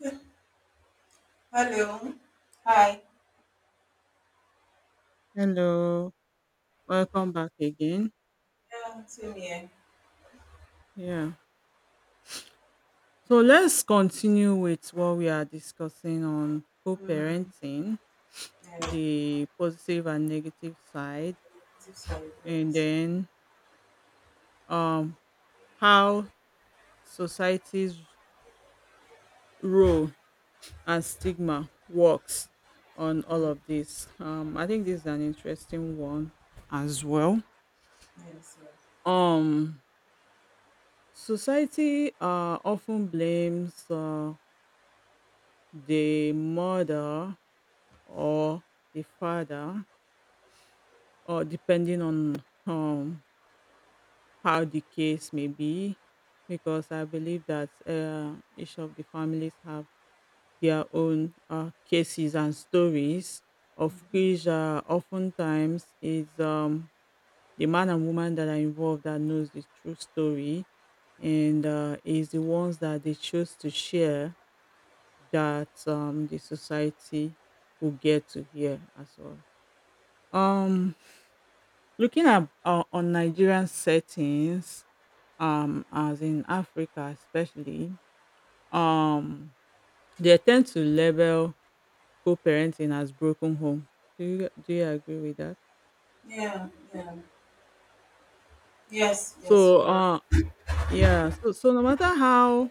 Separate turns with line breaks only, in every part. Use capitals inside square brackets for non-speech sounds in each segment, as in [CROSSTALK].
[LAUGHS] Hello. Hi.
Hello, welcome back again.
Yeah, same here.
Yeah. So let's continue with what we are discussing on co
Mm,
parenting,
yeah,
the positive and negative side,
so sorry.
and
Yes.
then um, how society's role and stigma works on all
Mm,
of this. I think this is an interesting one as well.
yes. Yeah.
Um, Society often blames the mother or the father, or depending on um, how the case may be, because I believe that each of the families have their own cases and stories, of
Mhm.
which oftentimes is the man and woman that are involved that knows the true story, and is the ones that they choose to share that the society will get to hear as well. Um, Looking at on Nigerian settings, as in Africa especially, um, they tend to label co-parenting as broken home. Do you agree with that?
Yeah. Yeah. Yes. Yes.
So,
You're right.
yeah. So, no matter how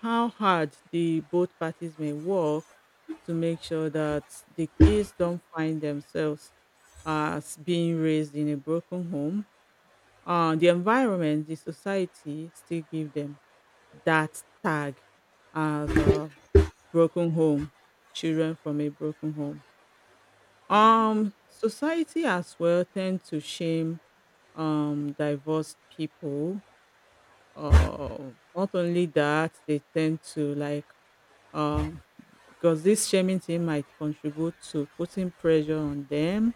hard the both parties may work to make sure that the kids don't find themselves as being raised in a broken home, the environment, the society still give them that tag as a broken home, children from a broken home.
Mm.
Society as well tend to shame divorced people. Not only that, they tend to like um because this shaming thing might contribute to putting pressure on them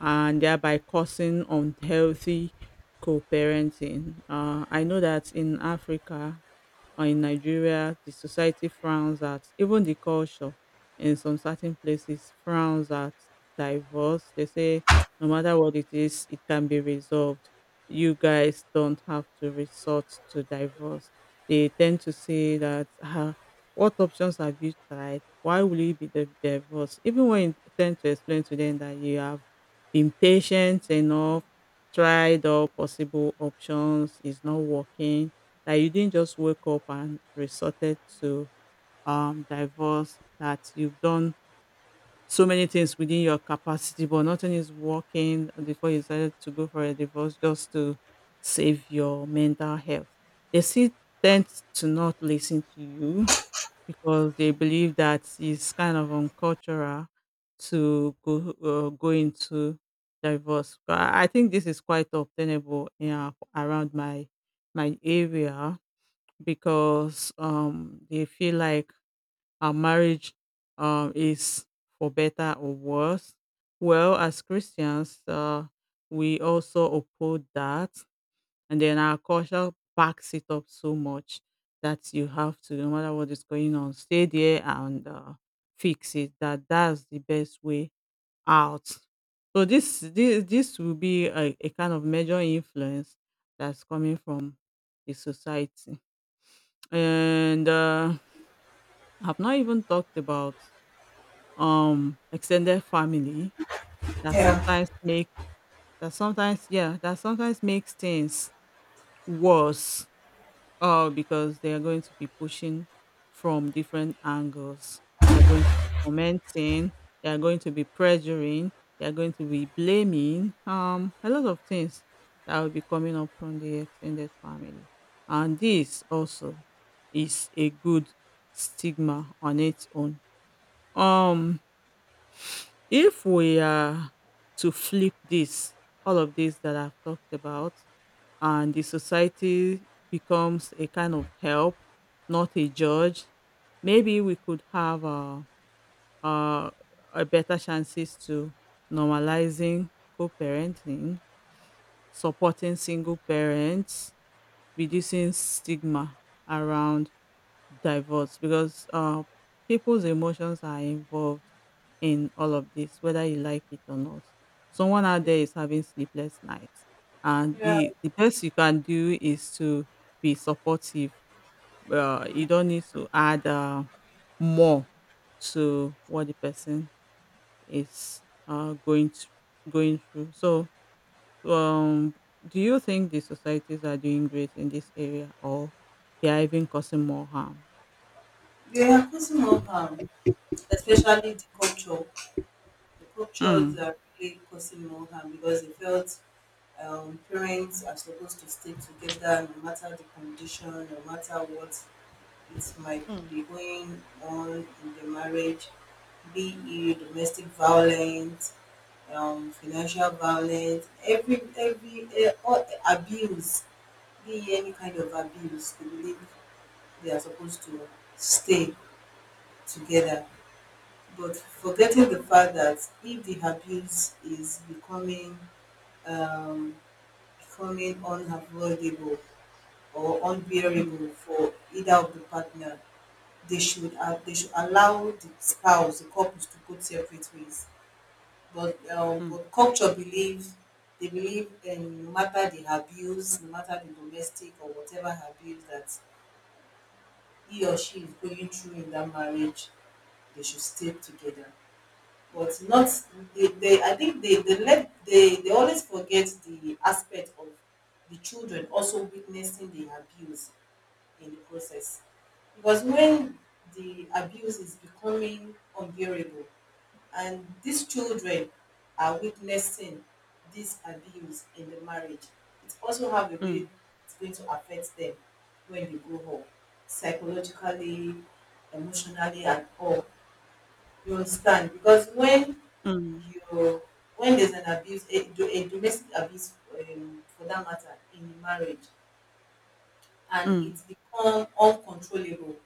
and thereby causing unhealthy co-parenting. I know that in Africa, or in Nigeria, the society frowns at even the culture in some certain places frowns at divorce. They say no matter what it is, it can be resolved. You guys don't have to resort to divorce. They tend to say that what options have you tried? Why will you be divorced? Even when you tend to explain to them that you have been patient enough, tried all possible options, is not working that you didn't just wake up and resorted to divorce, that you've done so many things within your capacity, but nothing is working before you decided to go for a divorce just to save your mental health. They still tend to not listen to you because they believe that it's kind of uncultural to go go into divorce. But I think this is quite obtainable in, around my area because they feel like our marriage is for better or worse. Well, as Christians, we also uphold that, and then our culture backs it up so much that you have to, no matter what is going on, stay there and fix it. That's the best way out. So this will be a kind of major influence that's coming from the society. And, I've not even talked about, extended family that
Yeah.
sometimes make that sometimes yeah, that sometimes makes things worse. Oh, because they are going to be pushing from different angles. They are going to be commenting. They are going to be pressuring. They are going to be blaming. A lot of things that will be coming up from the extended family, and this also is a good stigma on its own. Um, if we are to flip this, all of this that I've talked about and the society becomes a kind of help, not a judge. Maybe we could have uh, a better chances to normalizing co-parenting, supporting single parents, reducing stigma around divorce because people's emotions are involved in all of this, whether you like it or not. Someone out there is having sleepless nights, and
Yeah.
the best you can do is to be supportive.
Mm.
You don't need to add more to what the person is going going through. So, um, do you think the societies are doing great in this area, or they are even causing more harm?
They are causing more harm, especially the culture. The cultures
Mm.
are really causing more harm because they felt parents are supposed to stay together no matter the condition, no matter what it might be going on in the marriage, be it domestic violence, financial violence, every all, abuse, be it any kind of abuse. They believe they are supposed to stay together, but forgetting the fact that if the abuse is um, becoming unavoidable or unbearable for either of the partner, they should allow the spouse, the couples to go separate ways. But culture believe, they believe, no matter the abuse, no matter the domestic or whatever abuse that he or she is going through in that marriage, they should stay together. But not, they I think they let, they always forget the aspect of the children also witnessing the abuse in the process. Because when the abuse is becoming unbearable and these children are witnessing this abuse in the marriage, it also have a way it's going to affect them when they grow home psychologically, emotionally and all. You understand? Because when you when there's an abuse, a domestic abuse for that matter in the marriage, and it's become uncontrollable.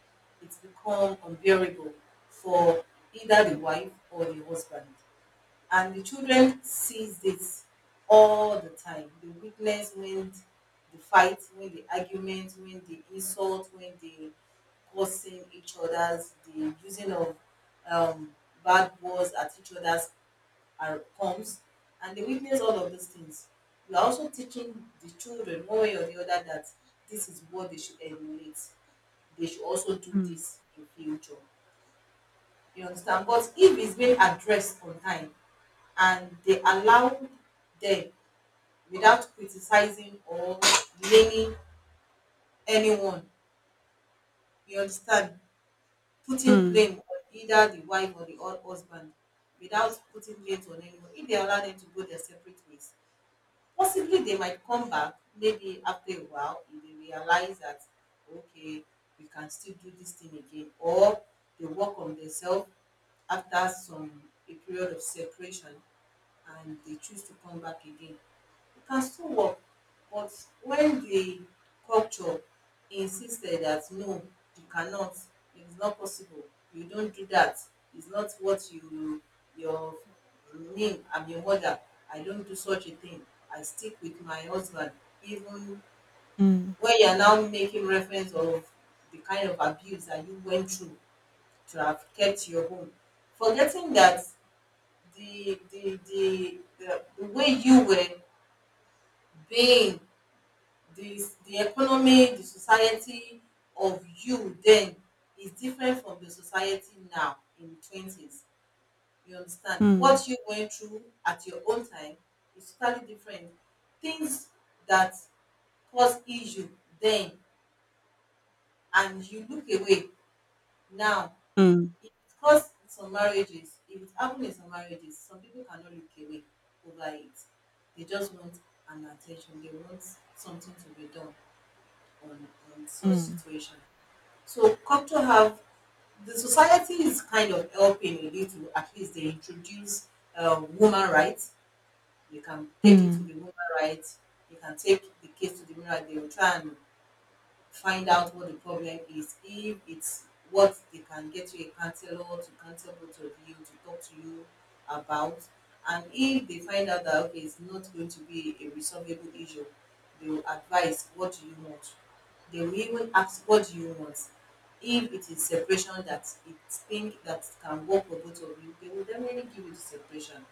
It's become unbearable for either the wife or the husband. And the children sees this all the time. They witness when the fight, when the argument, when the insult, when the cursing each other's, the using of um, bad words at each other's are, comes, and they witness all of these things. We are also teaching the children one way or the other that this is what they should emulate. They should also do this in future. You understand? But if it's being addressed on time and they allow them without criticizing or blaming anyone, you understand? Putting blame on either the wife or the old husband, without putting blame on anyone, if they allow them to go their separate ways, possibly they might come back maybe after a while if they realize that, okay, we can still do this thing again, or they work on themselves after some a period of separation and they choose to come back again. You can still work, but when the culture insisted that no, you cannot, it's not possible, you don't do that, it's not what you, your name, I'm your mother, I don't do such a thing, I stick with my husband, even
うんうんうんうんうんうんうんうんうんうんうんうんうんうんうんうんうんうん。Yeah,
when you are now making reference of the kind of abuse that you went through to have kept your home, forgetting that the way you were being, the the economy, the society of you then is different from the society now in twenties. You understand, what you went through at your own time is totally different. Things that cause issue then and you look away now, it caused some marriages. If it happened in some marriages, some people cannot look away over it. They just want an attention, they want something to be done on on such situation. So come to have, the society is kind of helping with it. At least they introduce woman rights. You can take it to the woman rights. You can take the case to the woman rights. They will try and find out what the problem is. If it's what they can, get you a counselor to counsel both of you, to talk to you about. And if they find out that, okay, it's not going to be a resolvable issue, they will advise, what do you want. They will even ask, what do you want. If it is separation that it think that can work for both of you, they will definitely give you the separation.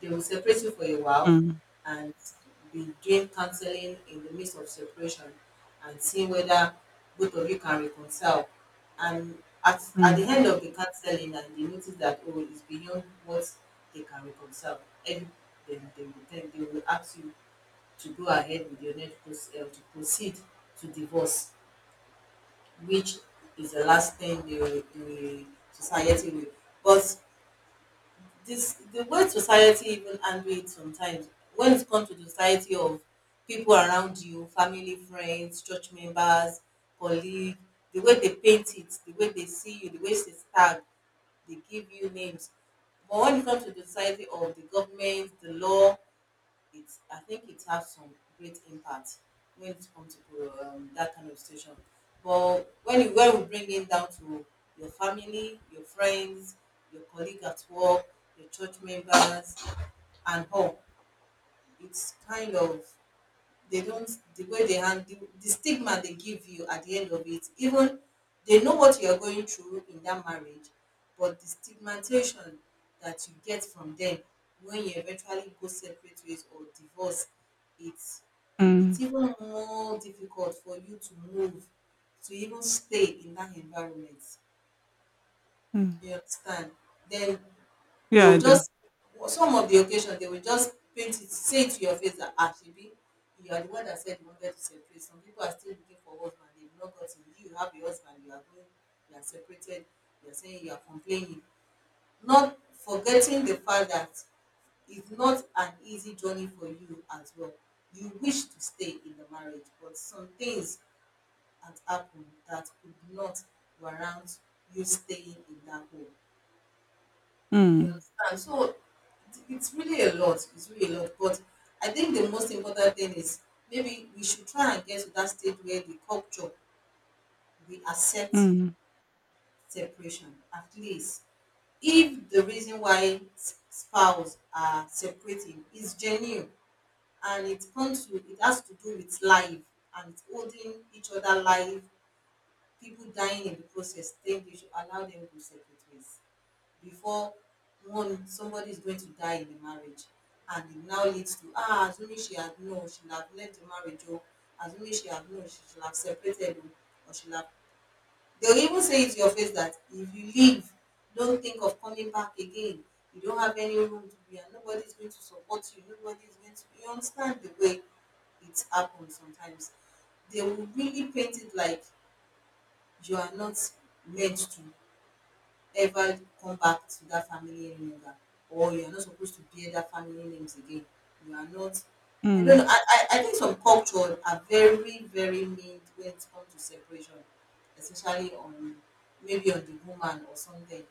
They will separate you for a while and be doing counseling in the midst of separation and seeing whether both of you can reconcile. And at the end of the counseling, and they notice that, oh, it's beyond what they can reconcile, and then they will ask you to go ahead with your next to proceed to divorce, which is the last thing the society will. But this, the way society even handle it sometimes, when it comes to the society of people around you, family, friends, church members, colleague, the way they paint it, the way they see you, the way they tag, they give you names. But when it comes to the society of the government, the law, it's, I think it has some great impact when it comes to that kind of situation. But when you when we bring it down to your family, your friends, your colleague at work, your church members, and all, it's kind of they don't, the way they handle the stigma they give you at the end of it, even they know what you are going through in that marriage, but the stigmatization that you get from them when you eventually go separate ways or divorce, it's it's even more difficult for you to move, to even stay in that environment. You understand? Then they
I
will
do.
just, some of the occasion, they will just paint it, say it to your face that, ah, shebi, you are the one that said you wanted to separate. Some people are still looking for husband, they have not gotten. You have a husband, you are going, you are separated, you are saying, you are complaining, not forgetting the fact that it's not an easy journey for you as well. You wish to stay in the marriage but some things had happened that could not warrant you staying in that home. You understand? So it's really a lot. It's really a lot. But I think the most important thing is, maybe we should try and get to that stage where the culture, we accept separation at least. If the reason why spouse are separating is genuine, and it comes to, it has to do with life and it's holding each other life, people dying in the process, then they should allow them to separate ways. Before one somebody is going to die in the marriage and it now leads to, ah, as only she had known, she would have left the marriage. Oh, as only she had known, she should have separated. Oh, or she would have. They'll even say it to your face that if you leave, don't think of coming back again, you don't have any room to be, and nobody is going to support you, nobody is going to, you understand the way it happens sometimes. They will really paint it like you are not meant to ever come back to that family any longer, or you're not supposed to bear that family names again. You are not. I don't know. I think some cultures are very, very mean when it comes to separation, especially on, maybe on the woman or something.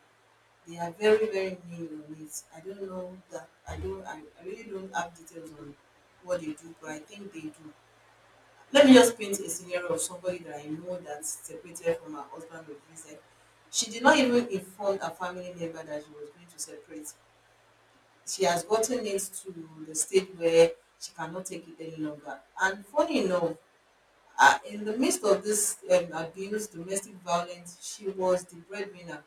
They are very, very mean on it. I don't know that. I don't. I really don't have details on what they do, but I think they do. Let me just paint a scenario of somebody that I know that separated from her husband with reason. She did not even inform her family member that she was going to separate. She has gotten it to the stage where she cannot take it any longer. And funny enough, in the midst of this abuse, domestic violence, she was the breadwinner.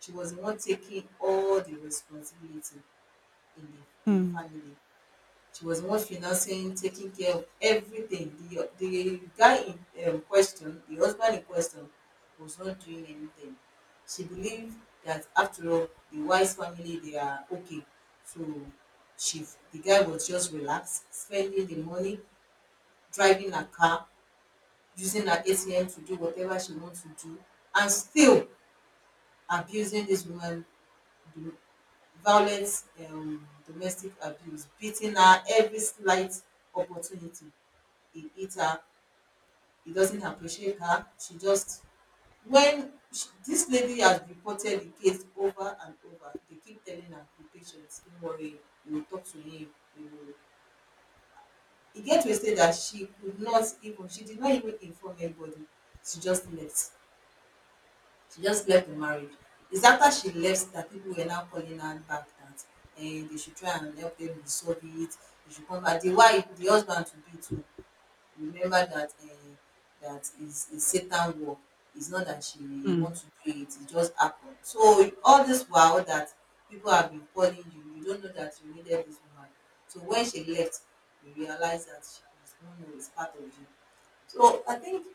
She was the one taking all the responsibility in the family. She was the one financing, taking care of everything. The guy in question, the husband in question, was not doing anything. She believed that, after all, the wise family, they are okay. So she the guy was just relaxed, spending the money, driving her car, using her ATM to do whatever she wants to do, and still abusing this woman, do- violent, domestic abuse, beating her every slight opportunity, he hit her, he doesn't appreciate her. She just, when she, this lady has reported the case over and over, they keep telling her, be patient, don't worry, we will talk to him. We will. It get to a stage that she did not even inform anybody. She just left. She just left the marriage. It's after she left that people were now calling her back, that and they should try and help them resolve it. They should come back. The wife, the husband to be too remember that, dat is a satan work, it's not that she want to do it, it just happened. So all this while that people have been calling you, you don't know that you needed this woman. So when she left, you realize that she was, no no, it's part of you. So I think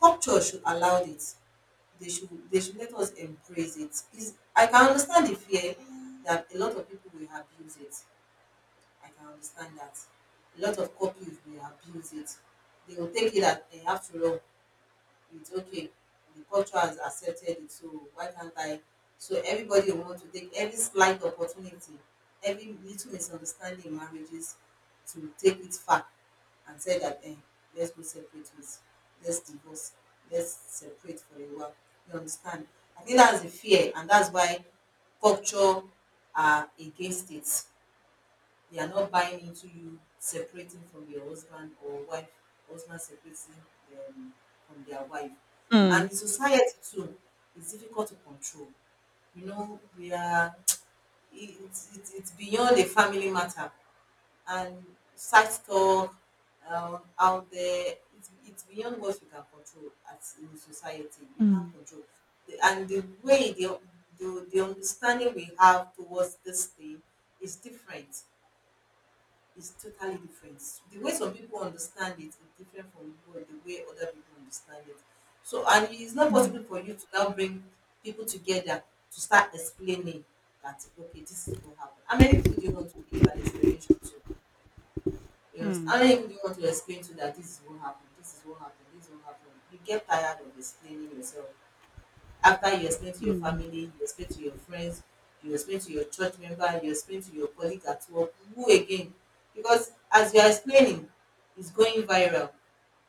culture should allow it. They should let us embrace it. Is, I can understand the fear that a lot of people will abuse it. I can understand that. A lot of couples may abuse it. They will take it that after all, it's okay. The culture has accepted it, so why can't I? So everybody will want to take every slight opportunity, every little misunderstanding in marriages, to take it far and say that let's go separate ways, let's divorce, let's separate for a while. You understand? I think that's the fear, and that's why culture are against it. They are not buying into you separating from your husband or wife, husband separating um, from their wife. And in society too, it's difficult to control. You know, we are, [TSK] it's beyond a family matter. And sex talk out there, it's beyond what we can control as in society. We can't control. The, and the way, the understanding we have towards this thing is different, is totally different. The way some people understand it is different from what the way other people understand it. So, and it's not possible
うんうんうんうんうんうんうんうんうんうんうんうんうんYes,
for you to now bring people together to start explaining that okay, this is what happened. How many people do you want to give an explanation to? You know, how many people do you want to explain to that this is what happened, this is what happened, this is what happened? You get tired of explaining yourself. After you explain to your family, you explain to your friends, you explain to your church member, you explain to your colleague at work, who again, because as you are explaining, it's going viral.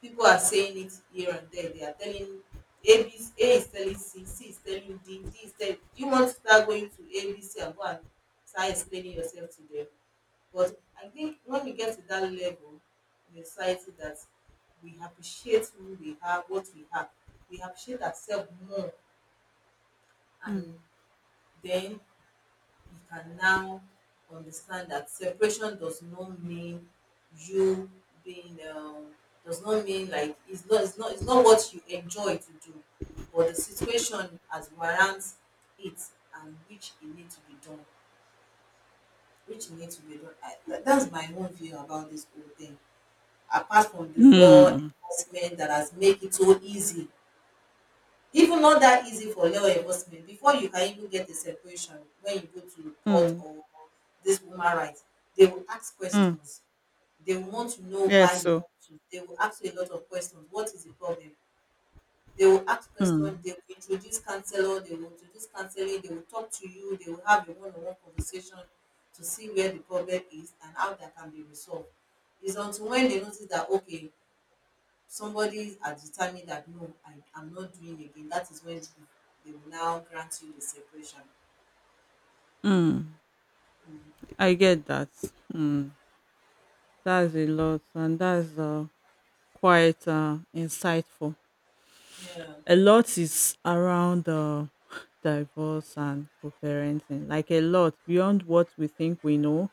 People are saying it here and there, they are telling, a b, a is telling c, c is telling d, d is telling, you want to start going to a b c and go and start explaining yourself to them. But I think when we get to that level in society, that we appreciate who we are, what we have, we appreciate ourselves more, and then you can now understand that separation does not mean you being, does not mean like it's not what you enjoy to do, but the situation has warrants it and which it need to be done, which it need to be done. That's my own view about this whole thing. Apart from the law enforcement that has made it so easy, even not that easy for law enforcement before you can even get a separation, when you go to court or this woman, right, they will ask questions, they will want to know why you
so
want to, they will ask you a lot of questions. What is the problem? They will ask questions,
mm,
they will introduce counselor, they will introduce counseling, they will talk to you, they will have a one-on-one conversation to see where the problem is and how that can be resolved. It's until when they notice that okay, somebody has determined that no, I am not doing again, that is when they will now grant you the separation.
mm,
Mm.
I get that. Mm, that's a lot, and that's quite insightful.
Yeah.
A lot is around [SIGHS] divorce and co-parenting, like a lot beyond what we think we know.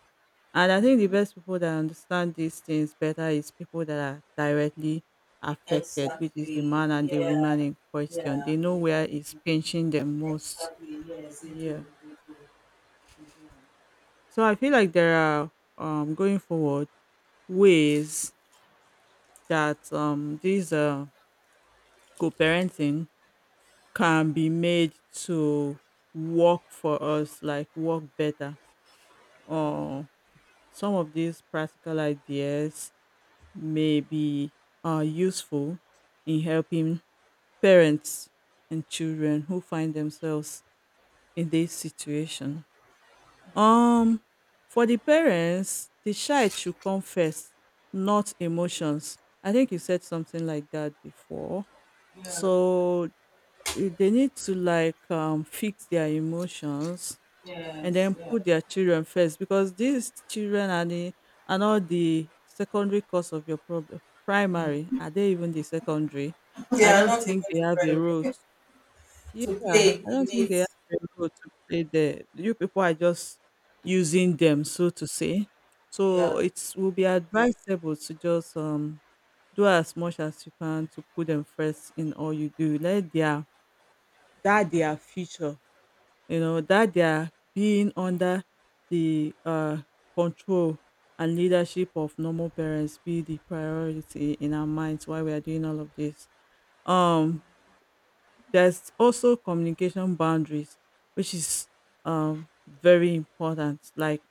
And I think the
Mm-hmm.
best people that understand these things better is people that are directly affected, which is the
Exactly.
man and the
Yeah,
woman in question.
yeah,
They know where is
yeah.
pinching them most.
Exactly. Yes, they
Yeah.
do. They do. They
So I feel like there are going forward ways that these co-parenting can be made to work for us, like work better. Or some of these practical ideas may be useful in helping parents and children who find themselves in this situation. Um, for the parents, the child should come first, not emotions. I think you said something like that before.
do. Yeah.
So they need to like fix their emotions and
Yes.
then
Yeah. [LAUGHS]
put their children first because these children are not the secondary cause of your problem. Primary are they even the secondary?
They
I
are
don't
not even
think they have a role.
incredible
to-
[LAUGHS] to
yeah,
play
I don't
in
think
it.
they have a role to play there. You people are just using them, so to say. So
Yeah.
it will be advisable to just do as much as you can to put them first in all you do. Let their that their future, you know that they are being under the control and leadership of normal parents, be the priority in our minds while we are doing all of this. Um there's also communication boundaries, which is very important. Like,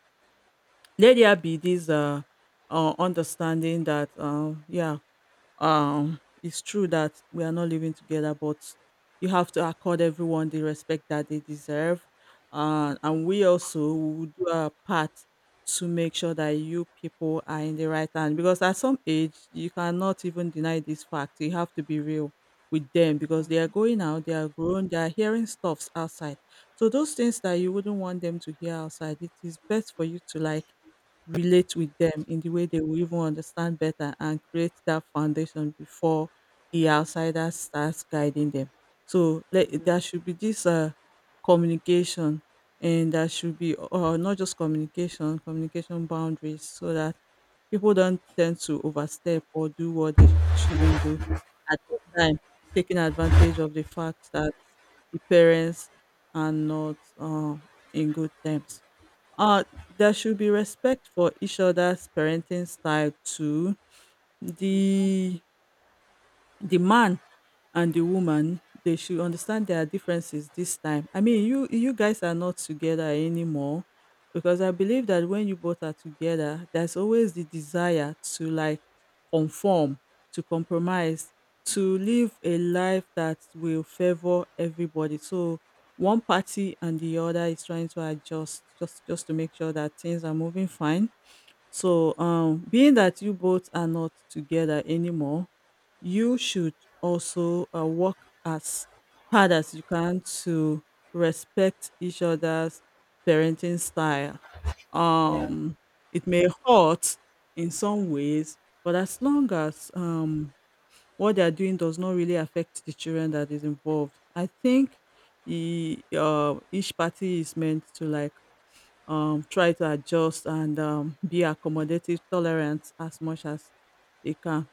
let there be this understanding that, yeah, it's true that we are not living together, but you have to accord everyone the respect that they deserve, and we also will do our part to make sure that you people are in the right hand, because at some age you cannot even deny this fact. You have to be real with them because they are going out, they are grown, they are hearing stuffs outside. So those things that you wouldn't want them to hear outside, it is best for you to like relate with them in the way they will even understand better and create that foundation before the outsider starts guiding them. So, there should be this communication, and there should be not just communication, communication boundaries so that people don't tend to overstep or do what they shouldn't do at the time, taking advantage of the fact that the parents are not in good terms. Uh, there should be respect for each other's parenting style too.
Mm-hmm.
The the man and the woman, they should understand their differences this time. I mean, you guys are not together anymore, because I believe that when you both are together, there's always the desire to like conform, to compromise, to live a life that will favor everybody. So one party and the other is trying to adjust just to make sure that things are moving fine. So, being that you both are not together anymore, you should also work as hard as you can to respect each other's parenting style.
Yeah.
Um, it may hurt in some ways, but as long as what they are doing does not really affect the children that is involved, I think each party is meant to like try to adjust and be accommodative, tolerant as much as they can.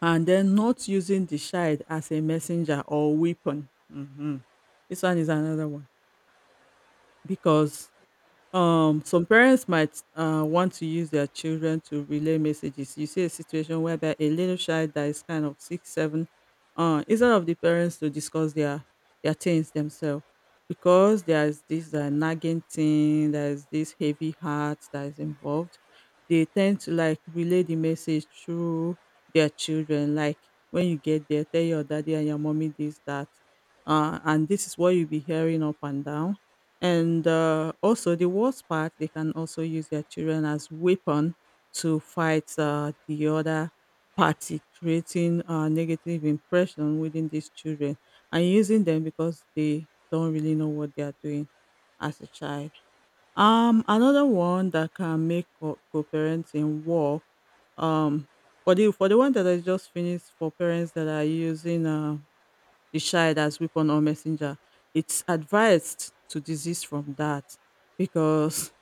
And then not using the child as a messenger or weapon. Mhm. This one is another one, because some parents might want to use their children to relay messages. You see a situation whereby a little child that is kind of six, seven, instead of the parents to discuss their things themselves, because there's this nagging thing, there's this heavy heart that is involved. They tend to like relay the message through their children. Like, when you get there, tell your daddy and your mommy this that, and this is what you'll be hearing up and down. And also, the worst part, they can also use their children as weapon to fight the other party, creating a negative impression within these children and using them because they don't really know what they are doing as a child. Another one that can make co-parenting work. Um, for the one that I just finished, for parents that are using the child as weapon or messenger. It's advised to desist from that, because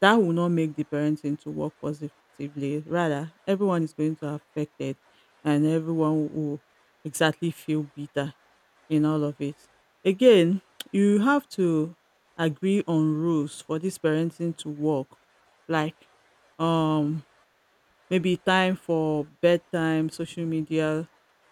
that will not make the parenting to work positively. Rather, everyone is going to affect it, and everyone will exactly feel bitter in all of it. Again, you have to agree on rules for this parenting to work. Like, um, maybe time for bedtime, social media,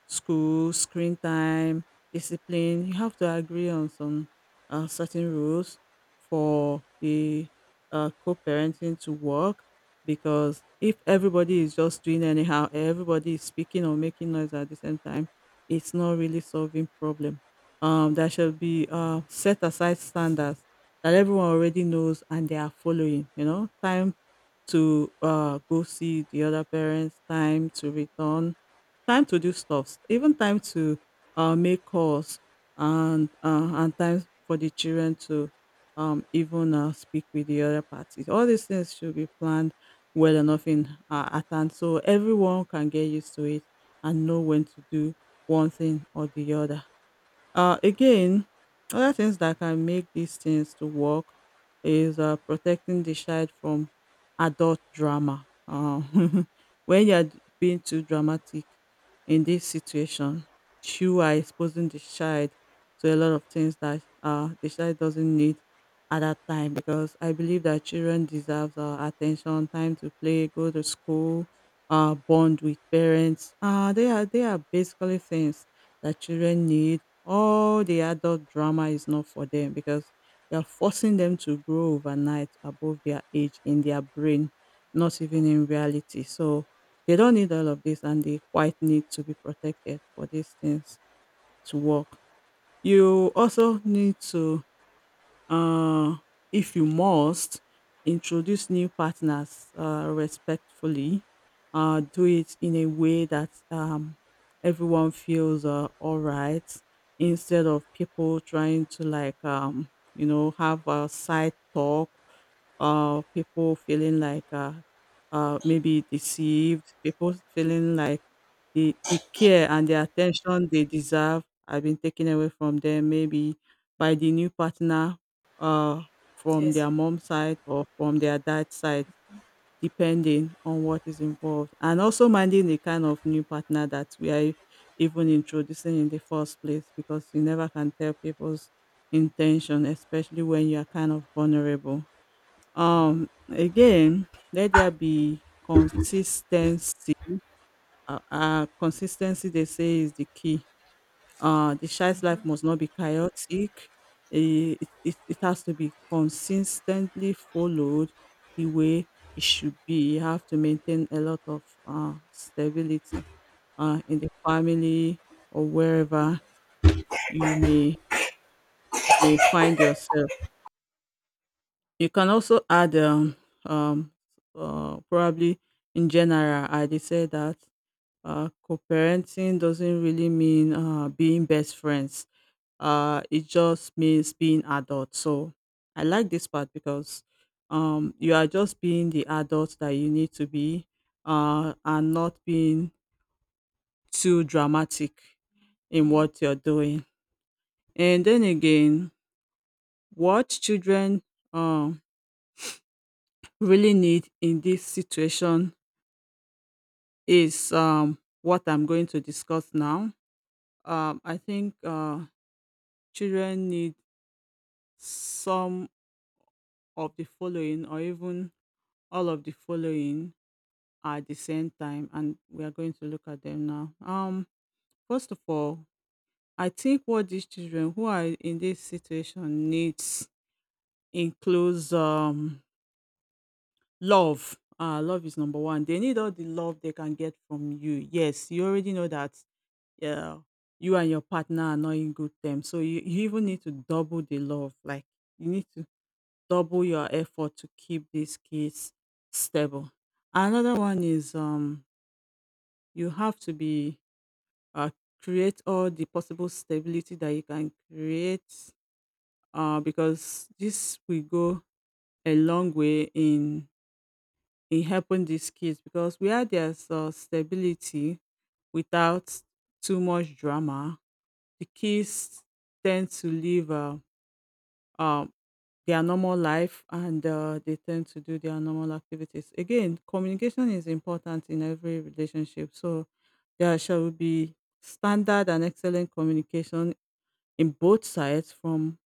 school, screen time, discipline. You have to agree on some certain rules for the co-parenting to work because if everybody is just doing anyhow, everybody is speaking or making noise at the same time, it's not really solving problem. There should be set aside standards that everyone already knows and they are following. Time to go see the other parents, time to return, time to do stuff, even time to make calls, and time for the children to even speak with the other parties. All these things should be planned well enough in advance so everyone can get used to it and know when to do one thing or the other. Again, other things that can make these things to work is protecting the child from adult drama. [LAUGHS] When you're being too dramatic in this situation, you are exposing the child to a lot of things that the child doesn't need at that time because I believe that children deserve attention, time to play, go to school, bond with parents. They are basically things that children need. All the adult drama is not for them because you're forcing them to grow overnight above their age in their brain, not even in reality. So they don't need all of this and they quite need to be protected for these things to work. You also need to uh, if you must, introduce new partners respectfully. Do it in a way that everyone feels all right instead of people trying to, like, have a side talk people feeling like maybe deceived, people feeling like the care and the attention they deserve have been taken away from them, maybe by the new partner uh, from
Yes.
their mom's side or from their dad's side, depending on what is involved. And also minding the kind of new partner that we are even introducing in the first place, because you never can tell people's intention, especially when you are kind of vulnerable. Again, let there be consistency. Consistency, they say, is the key the child's life must not be chaotic. It has to be consistently followed the way it should be. You have to maintain a lot of stability in the family or wherever you may you may find yourself. You can also add um, probably in general, I did say that co-parenting doesn't really mean being best friends. It just means being adult, so I like this part because you are just being the adult that you need to be and not being too dramatic in what you're doing. And then again, what children um really need in this situation is what I'm going to discuss now. I think children need some of the following or even all of the following at the same time, and we are going to look at them now. First of all, I think what these children who are in this situation needs includes love. Uh, love is number one. They need all the love they can get from you. Yes, you already know that uh, you and your partner are not in good terms. So you even need to double the love. Like, you need to double your effort to keep these kids stable. Another one is, you have to be uh, create all the possible stability that you can create because this will go a long way in helping these kids, because where there's stability without too much drama, the kids tend to live um, their normal life and they tend to do their normal activities. Again, communication is important in every relationship, so there shall be standard and excellent communication in both sides, from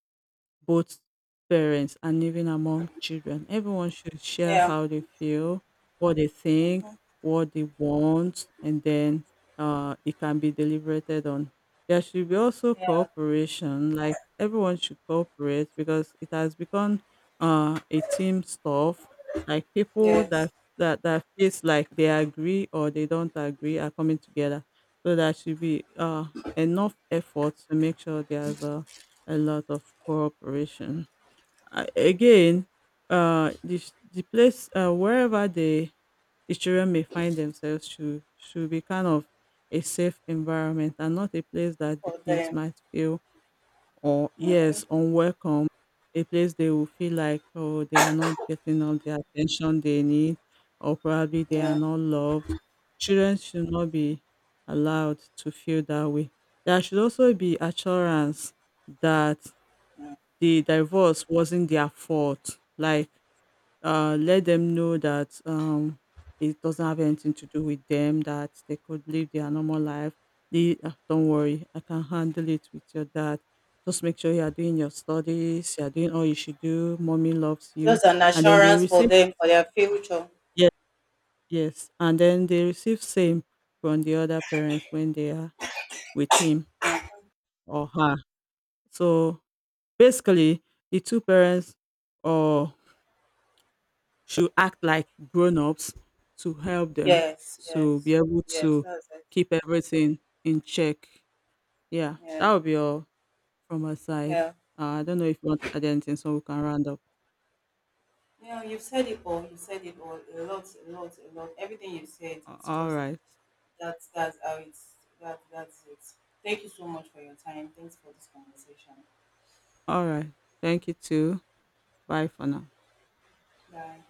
both parents and even among children. Everyone should share
Yeah,
how they feel, what they think, what they want, and then it can be deliberated on. There should be also
yeah,
cooperation, like everyone should cooperate because it has become a team stuff. Like people that,
yes,
that feels like they agree or they don't agree are coming together. So there should be enough effort to make sure there's a lot of cooperation. I, again, the place wherever the children may find themselves should be kind of a safe environment and not a place that the
for
kids
them.
might feel or, yes, unwelcome, a place they will feel like, oh, they are not getting all the attention they need or probably they are
Yeah,
not loved. Children should not be allowed to feel that way. There should also be assurance that the divorce wasn't their fault. Like, let them know that, it doesn't have anything to do with them, that they could live their normal life. The, don't worry, I can handle it with your dad. Just make sure you are doing your studies, you are doing all you should do. Mommy loves you.
just an
And then they
assurance for
receive,
them for their future.
yes, yes. And then they receive same from the other parents when they are with him or her. So basically, the two parents or should act like grown-ups to help them
Yes,
to
yes,
be able
yes,
to
that's it.
keep everything in check. Yeah,
Yeah,
that would be all from my side.
yeah.
I don't know if you want to add anything so we can round up.
Yeah, you've said it all. You said it all. A lot, a lot, a lot. Everything you said,
A-
it's
All
just
right.
that's how it's, that's it. Thank you so much for your time. Thanks for this conversation.
All right. Thank you too. Bye for now.
Bye.